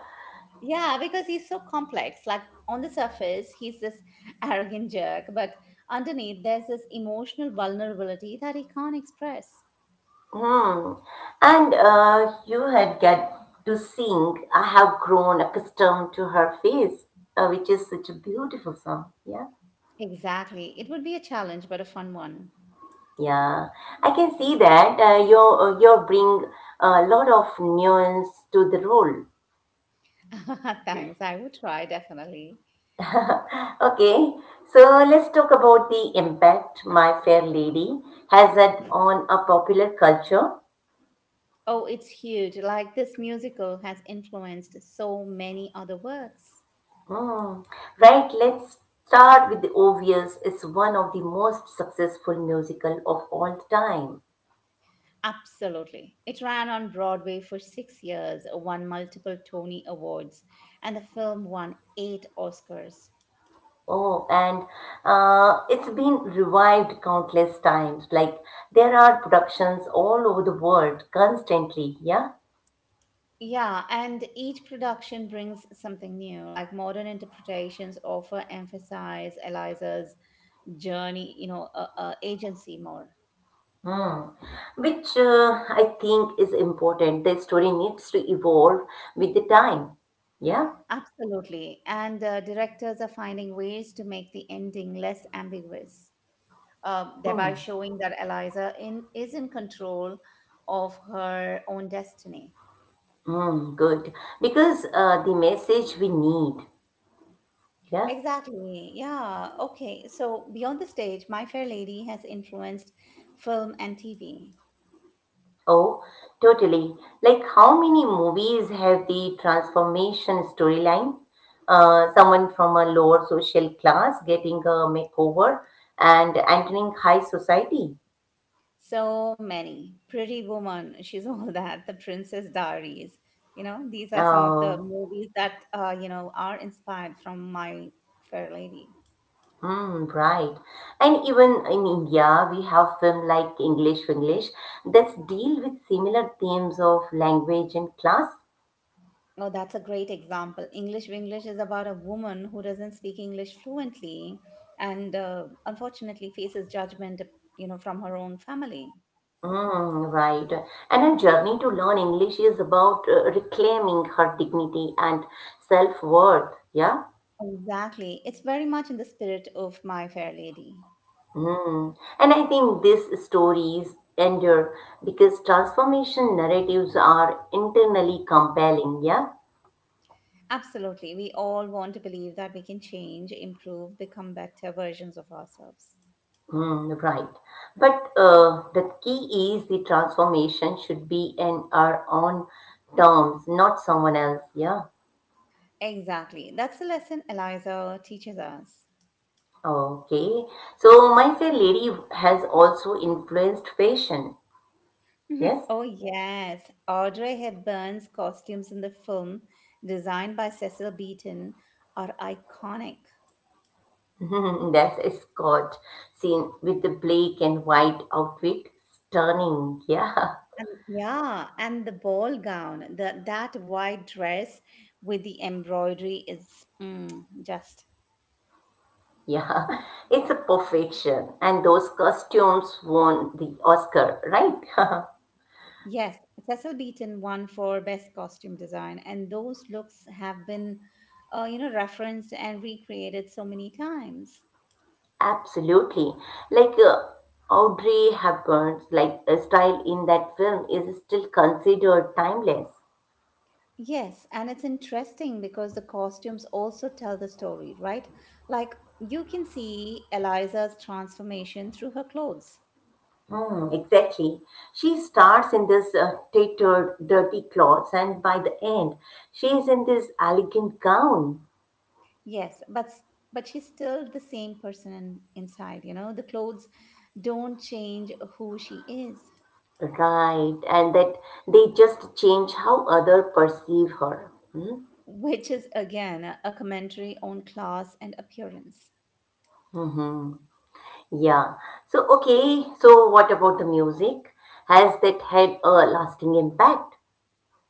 S2: Yeah, because he's so complex. Like on the surface, he's this [LAUGHS] arrogant jerk, but underneath, there's this emotional vulnerability that he can't express.
S1: Hmm. And you had get to sing. I have grown accustomed to her face, which is such a beautiful song. Yeah.
S2: Exactly. It would be a challenge, but a fun one.
S1: Yeah, I can see that you bring a lot of nuance to the role.
S2: [LAUGHS] Thanks. I would try, definitely.
S1: [LAUGHS] Okay, so let's talk about the impact My Fair Lady has had on a popular culture.
S2: Oh, it's huge. Like this musical has influenced so many other works.
S1: Hmm. Right, let's start with the obvious. It's one of the most successful musical of all time.
S2: Absolutely. It ran on Broadway for 6 years, won multiple Tony Awards, and the film won 8 Oscars.
S1: Oh, and it's been revived countless times. Like there are productions all over the world constantly. Yeah.
S2: Yeah, and each production brings something new. Like modern interpretations often emphasize Eliza's journey, you know, agency more.
S1: Hmm. Which I think is important. The story needs to evolve with the time. Yeah.
S2: Absolutely. And directors are finding ways to make the ending less ambiguous, thereby
S1: Hmm.
S2: showing that Eliza is in control of her own destiny.
S1: Hmm. Good. Because the message we need. Yeah.
S2: Exactly. Yeah. Okay. So, Beyond the Stage, My Fair Lady has influenced film and TV.
S1: Oh, totally. Like how many movies have the transformation storyline? Someone from a lower social class getting a makeover and entering high society.
S2: So many. Pretty Woman, she's all [LAUGHS] that. The Princess Diaries. You know, these are some of the
S1: Uh,
S2: movies that, are inspired from My Fair Lady.
S1: Mm, right. And even in India, we have film like English English that deal with similar themes of language and class.
S2: Oh, that's a great example. English English is about a woman who doesn't speak English fluently and unfortunately faces judgment, you know, from her own family.
S1: Mm, right. And her journey to learn English is about reclaiming her dignity and self-worth. Yeah.
S2: Exactly. It's very much in the spirit of My Fair Lady.
S1: Mm. And I think these stories endure because transformation narratives are internally compelling. Yeah.
S2: Absolutely. We all want to believe that we can change, improve, become better versions of ourselves.
S1: Mm, right. But the key is the transformation should be in our own terms, not someone else. Yeah.
S2: Exactly. That's the lesson Eliza teaches us.
S1: Okay. So My Fair Lady has also influenced fashion.
S2: [LAUGHS]
S1: Yes.
S2: Oh, yes. Audrey Hepburn's costumes in the film, designed by Cecil Beaton, are iconic.
S1: [LAUGHS] That's a Scott seen with the black and white outfit. Stunning. Yeah. [LAUGHS]
S2: Yeah, and the ball gown, the, that white dress with the embroidery is just.
S1: Yeah. It's a perfection. And those costumes won the Oscar, right? [LAUGHS]
S2: Yes, Cecil Beaton won for Best Costume Design, and those looks have been, referenced and recreated so many times.
S1: Absolutely. Like Audrey Hepburn's like style in that film is still considered timeless.
S2: Yes, and it's interesting because the costumes also tell the story, right? Like you can see Eliza's transformation through her clothes.
S1: Hmm, exactly. She starts in this tattered, dirty clothes, and by the end, she is in this elegant gown.
S2: Yes, but she's still the same person inside, you know? The clothes don't change who she is,
S1: Right, and that they just change how other perceive her.
S2: which is again a commentary on class and appearance.
S1: Mm-hmm. Yeah. So, okay. So, what about the music? Has that had a lasting impact?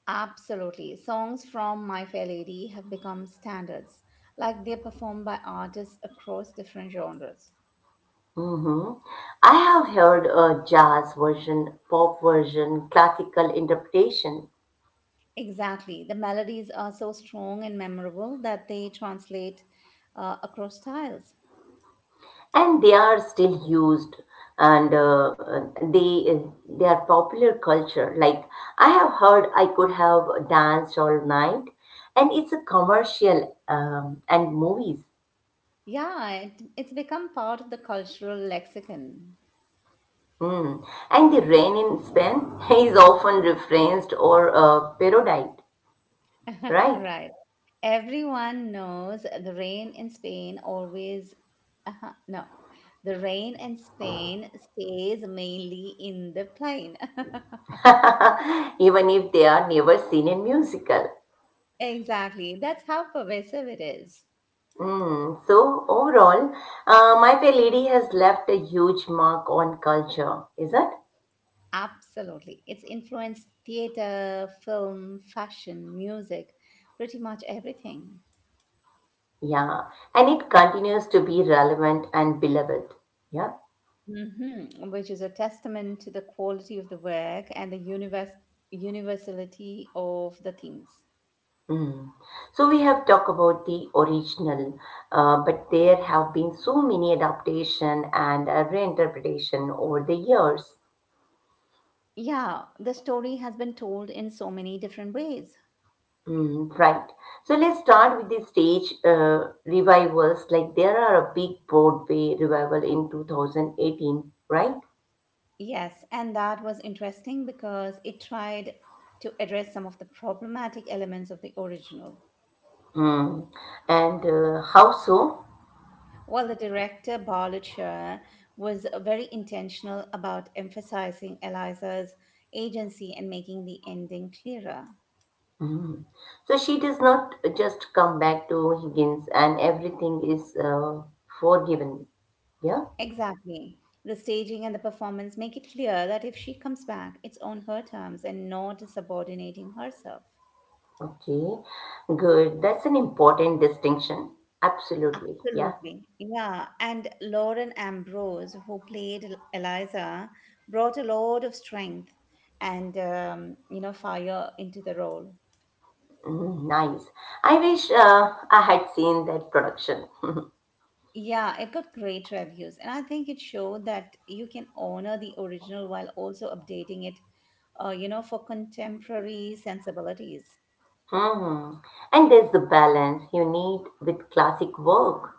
S2: Absolutely. Songs from My Fair Lady have become standards, like they're performed by artists across different genres.
S1: Mhm. I have heard a jazz version, pop version, classical interpretation,
S2: Exactly. The melodies are so strong and memorable that they translate across styles.
S1: and they are still used and they are popular culture. Like I have heard I could have danced all night, and it's a commercial and movies.
S2: Yeah, it's become part of the cultural lexicon.
S1: Mm. And the rain in Spain [LAUGHS] is often referenced or parodied,
S2: [LAUGHS]
S1: right?
S2: right. Everyone knows the rain in Spain always. Uh-huh, no, the rain in Spain stays mainly in the plain.
S1: [LAUGHS] Even if they are never seen in musical.
S2: [LAUGHS] Exactly. That's how pervasive it is.
S1: Mm. So overall, My Fair Lady has left a huge mark on culture, is it?
S2: Absolutely. It's influenced theater, film, fashion, music, pretty much everything.
S1: Yeah, and it continues to be relevant and beloved. Yeah.
S2: hmm Which is a testament to the quality of the work and the universality of the themes.
S1: Mm. So we have talked about the original, but there have been so many adaptation and reinterpretation over the years.
S2: Yeah, the story has been told in so many different ways.
S1: Mm, right. So let's start with the stage revivals. Like there are a big Broadway revival in 2018, right?
S2: Yes, and that was interesting because it tried to address some of the problematic elements of the original.
S1: Mm. And how so?
S2: Well, the director, Barlet Shah, was very intentional about emphasizing Eliza's agency and making the ending clearer.
S1: Mm. So she does not just come back to Higgins and everything is forgiven. Yeah,
S2: Exactly. The staging and the performance make it clear that if she comes back, it's on her terms and not subordinating herself.
S1: okay, good. That's an important distinction. Absolutely. Yeah,
S2: Absolutely. Yeah. And Lauren Ambrose, who played Eliza, brought a lot of strength and, fire into the role.
S1: Mm, nice. I wish I had seen that production. [LAUGHS]
S2: Yeah, it got great reviews, and I think it showed that you can honor the original while also updating it, for contemporary sensibilities.
S1: Hmm. And there's the balance you need with classic work.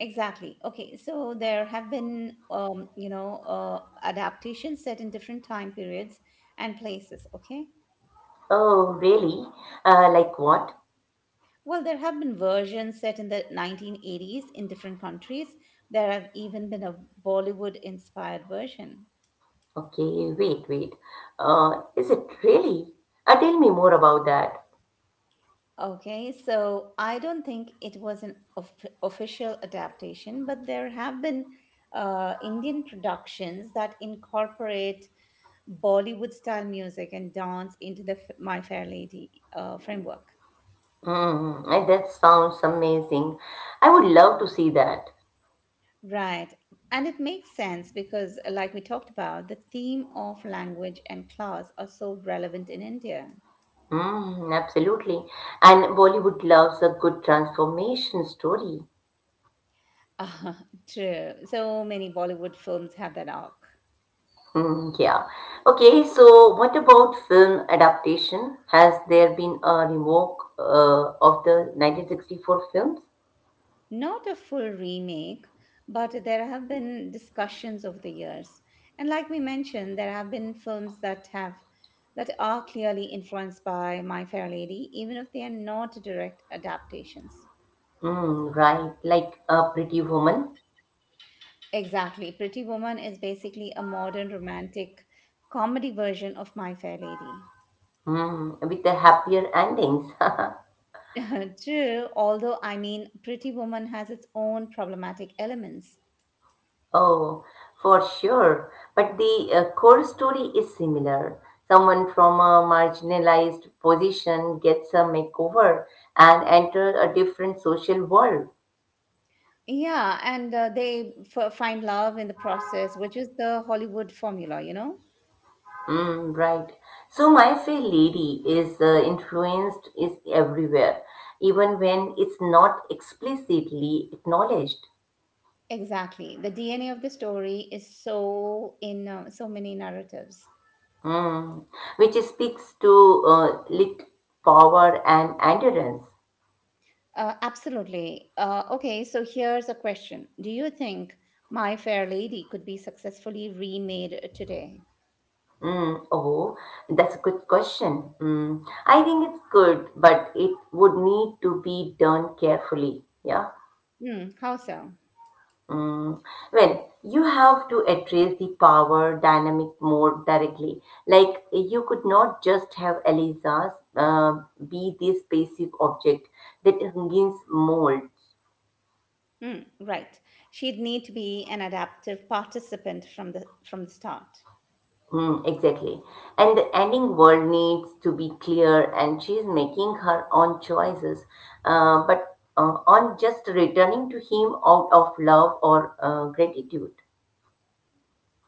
S2: Exactly. Okay, so there have been, adaptations set in different time periods and places. Okay.
S1: Oh, really? Like what?
S2: Well, there have been versions set in the 1980s in different countries. There have even been a Bollywood inspired version.
S1: Okay, wait, wait. Is it really? Tell me more about that.
S2: Okay, so I don't think it was an official adaptation, but there have been Indian productions that incorporate Bollywood style music and dance into the My Fair Lady framework.
S1: Mm, that sounds amazing. I would love to see that.
S2: Right, and it makes sense because, like we talked about, the theme of language and class are so relevant in India. [LAUGHS]
S1: Mm, absolutely. And Bollywood loves a good transformation story.
S2: Ah, true. So many Bollywood films have that arc.
S1: Mm, yeah. Okay, so what about film adaptation? Has there been a revoke of the 1964 films?
S2: Not a full remake, but there have been discussions over the years. And like we mentioned, there have been films that are clearly influenced by My Fair Lady, even if they are not direct adaptations.
S1: Mm, right, like a Pretty Woman
S2: Exactly. Pretty Woman is basically a modern romantic comedy version of My Fair Lady.
S1: with the happier endings. [LAUGHS]
S2: [LAUGHS] True, although I mean, Pretty Woman has its own problematic elements.
S1: Oh, for sure. But the core story is similar. Someone from a marginalized position gets a makeover and enters a different social world.
S2: Yeah, and they f find love in the process, which is the Hollywood formula, you know?
S1: Mm, right. So My Fair Lady is influenced is everywhere, even when it's not explicitly acknowledged.
S2: Exactly. The DNA of the story is so in so many narratives.
S1: Mm, which speaks to lit power and endurance.
S2: Absolutely. Okay, so here's a question. Do you think My Fair Lady could be successfully remade today?
S1: Mm, oh, that's a good question. Mm, I think it's good, but it would need to be done carefully. Yeah.
S2: Hmm, how so?
S1: Mm, well, you have to address the power dynamic more directly. Like, you could not just have Eliza be this passive object that hangs molds.
S2: Hmm, right. She'd need to be an adaptive participant from the start.
S1: Mm, exactly. And the ending world needs to be clear, and she's making her own choices. But on just returning to him out of love or gratitude.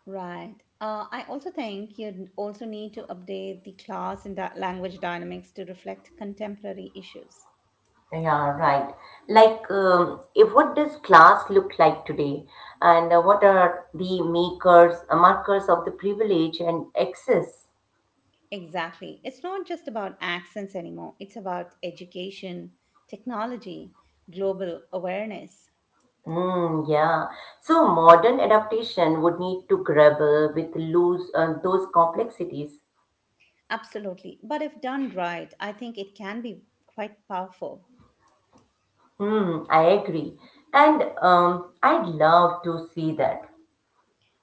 S2: Right. I also think you'd also need to update the class and language dynamics to reflect contemporary issues.
S1: Yeah, right. Like, if what does class look like today, and what are the markers of the privilege and excess?
S2: Exactly. It's not just about accents anymore, it's about education, technology, global awareness.
S1: Mm, yeah. So modern adaptation would need to grapple with lose those complexities.
S2: Absolutely. But if done right, I think it can be quite powerful.
S1: Hmm, I agree. And I'd love to see that.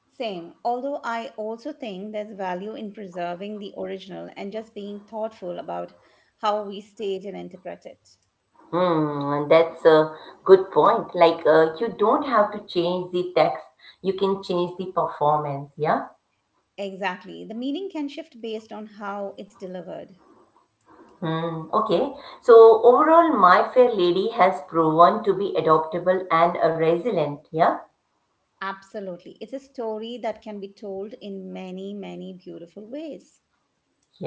S2: Same. Although I also think there's value in preserving the original and just being thoughtful about how we stage and interpret it.
S1: Hmm, that's a good point. Like, you don't have to change the text, you can change the performance, yeah?
S2: Exactly. The meaning can shift based on how it's delivered.
S1: Hmm, okay. So, overall, My Fair Lady has proven to be adaptable and resilient, yeah?
S2: Absolutely. It's a story that can be told in many, many beautiful ways.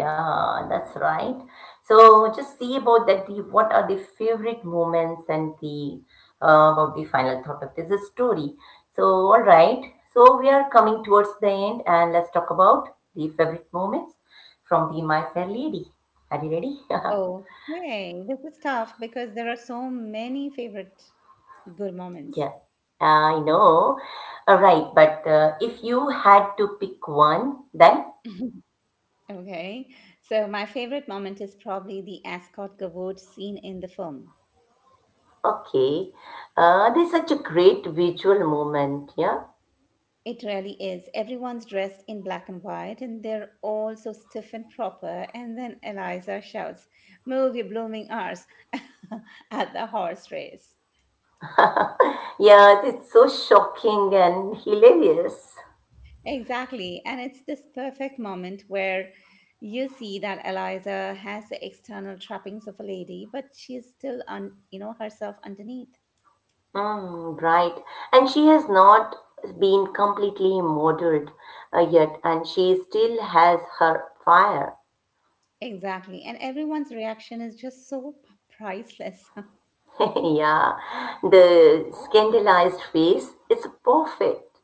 S1: Yeah, that's right. So just see about that. The What are the favorite moments and the about the final thought of this story. So all right. So we are coming towards the end, and let's talk about the favorite moments from the My Fair Lady. Are you ready? [LAUGHS]
S2: Okay, this is tough because there are so many favorite good moments.
S1: Yeah, I know. All right, but if you had to pick one, then
S2: [LAUGHS] Okay, so my favorite moment is probably the Ascot Gavotte scene in the film.
S1: okay. There's such a great visual moment. Yeah.
S2: It really is. Everyone's dressed in black and white, and they're all so stiff and proper. And then Eliza shouts, "Move your blooming arse" [LAUGHS] at the horse race.
S1: [LAUGHS] Yes, it's so shocking and hilarious.
S2: Exactly. And it's this perfect moment where you see that Eliza has the external trappings of a lady, but she's still herself underneath.
S1: Mm, right. And she has not been completely murdered yet, and she still has her fire.
S2: Exactly. And everyone's reaction is just so priceless.
S1: [LAUGHS] Yeah, the scandalized face is perfect.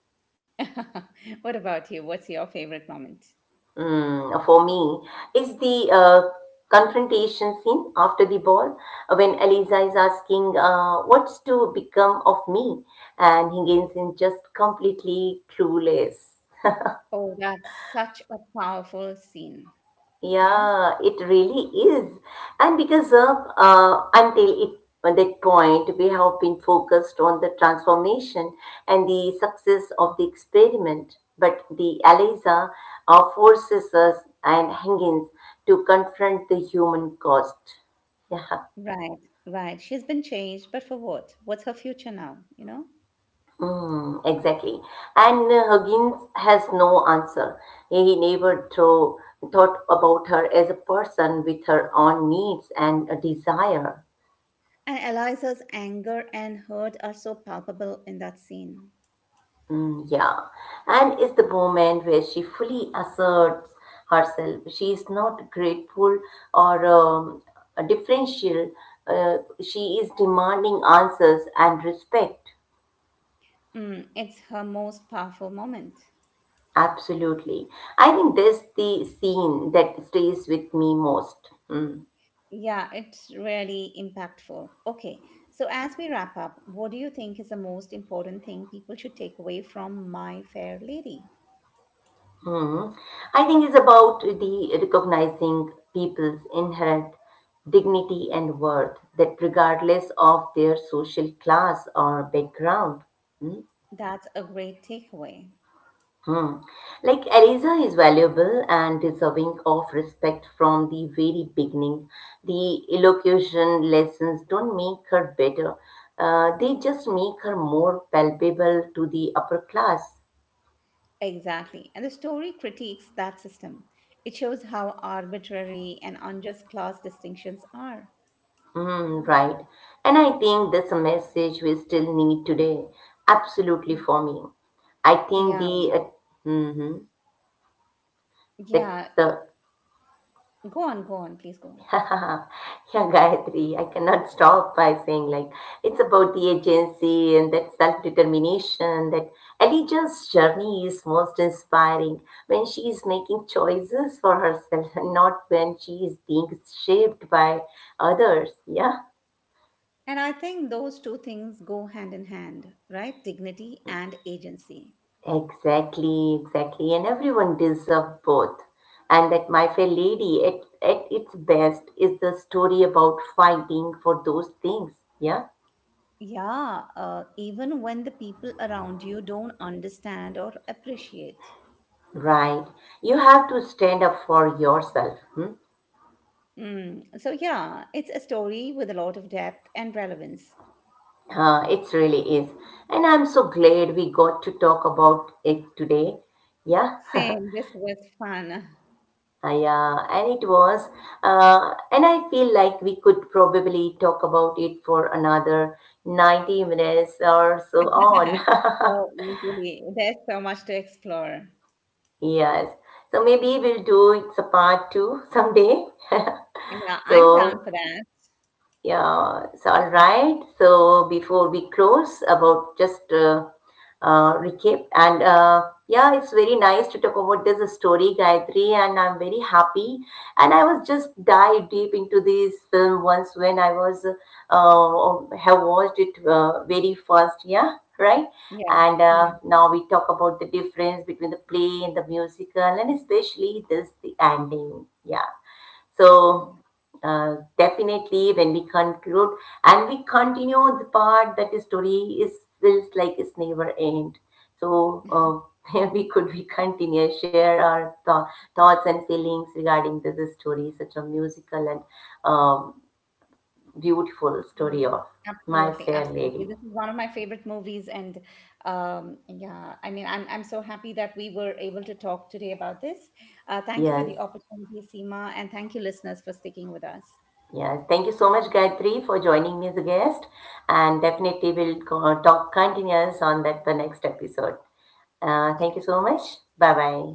S2: [LAUGHS] What about you? What's your favorite moment?
S1: Mm, for me, is the confrontation scene after the ball when Eliza is asking, "What's to become of me?" And Higginson just completely clueless.
S2: Oh, that's such a powerful scene. Yeah.
S1: Yeah, it really is. And because of until it at that point, we have been focused on the transformation and the success of the experiment. But the ELISA forces us and Higgins to confront the human cost. Yeah.
S2: Right, right. She's been changed, but for what? What's her future now, you know?
S1: Mm, exactly. And Huggins has no answer. He never thought about her as a person with her own needs and a desire.
S2: And Eliza's anger and hurt are so palpable in that scene.
S1: Mm, yeah, and it's the moment where she fully asserts herself. She is not grateful or a differential. She is demanding answers and respect.
S2: Mm, it's her most powerful moment.
S1: Absolutely. I think that's the scene that stays with me most.
S2: Yeah, it's really impactful. Okay, so as we wrap up, what do you think is the most important thing people should take away from My Fair Lady?
S1: Mhm. I think it's about the recognizing people's inherent dignity and worth, that regardless of their social class or background.
S2: That's a great takeaway.
S1: Hmm. Like Eliza is valuable and deserving of respect from the very beginning. The elocution lessons don't make her better, they just make her more palpable to the upper class.
S2: Exactly. And the story critiques that system. It shows how arbitrary and unjust class distinctions are.
S1: Mm, right. And I think that's a message we still need today. Absolutely for me. I think
S2: Yeah,
S1: the mhm. that's
S2: yeah.
S1: the
S2: Go on, go on, please go on.
S1: [LAUGHS] Yeah, Gayatri, I cannot stop by saying like it's about the agency and that self-determination that Elijah's journey is most inspiring when she is making choices for herself and not when she is being shaped by others. Yeah,
S2: And I think those two things go hand in hand, right? Dignity and agency.
S1: exactly, exactly. And everyone deserves both. And that My Fair Lady at its best is the story about fighting for those things. Yeah.
S2: Yeah, even when the people around you don't understand or appreciate.
S1: Right. You have to stand up for yourself. Hmm?
S2: Mm. So, yeah, it's a story with a lot of depth and relevance.
S1: It really is. And I'm so glad we got to talk about it today. Yeah. [LAUGHS]
S2: Same, this was fun.
S1: Yeah. And it was. And I feel like we could probably talk about it for another 90 minutes or so on.
S2: [LAUGHS] Oh,
S1: [LAUGHS]
S2: easily. There's so much to explore.
S1: Yes. So maybe we'll do it's a part two someday.
S2: Yeah,
S1: [LAUGHS]
S2: I'm down
S1: So,
S2: for that.
S1: yeah, it's all right. So before we close, about just recap and yeah, it's very nice to talk about this story, Gayatri, and I'm very happy. And I was just dive deep into this film once when I was have watched it very first, yeah, right.
S2: Yeah,
S1: And
S2: yeah,
S1: now we talk about the difference between the play and the musical, and especially this the ending. Yeah. So
S2: yeah.
S1: definitely, when we conclude and we continue the part that the story is feels like it's never end. So [LAUGHS] we continue share our thoughts and feelings regarding this story, such a musical and um, beautiful
S2: Mm.
S1: story of My
S2: Absolutely,
S1: Fair
S2: absolutely.
S1: Lady.
S2: This is one of my favorite movies, and yeah, I mean, I'm so happy that we were able to talk today about this. Thank you for the
S1: Yes.
S2: opportunity, Seema, and thank you, listeners, for sticking with us.
S1: Yes, thank you so much, Gayatri, for joining me as a guest, and
S2: Thank
S1: definitely we'll talk continuous on that the next episode. Thank you
S2: you.
S1: so much. Bye bye.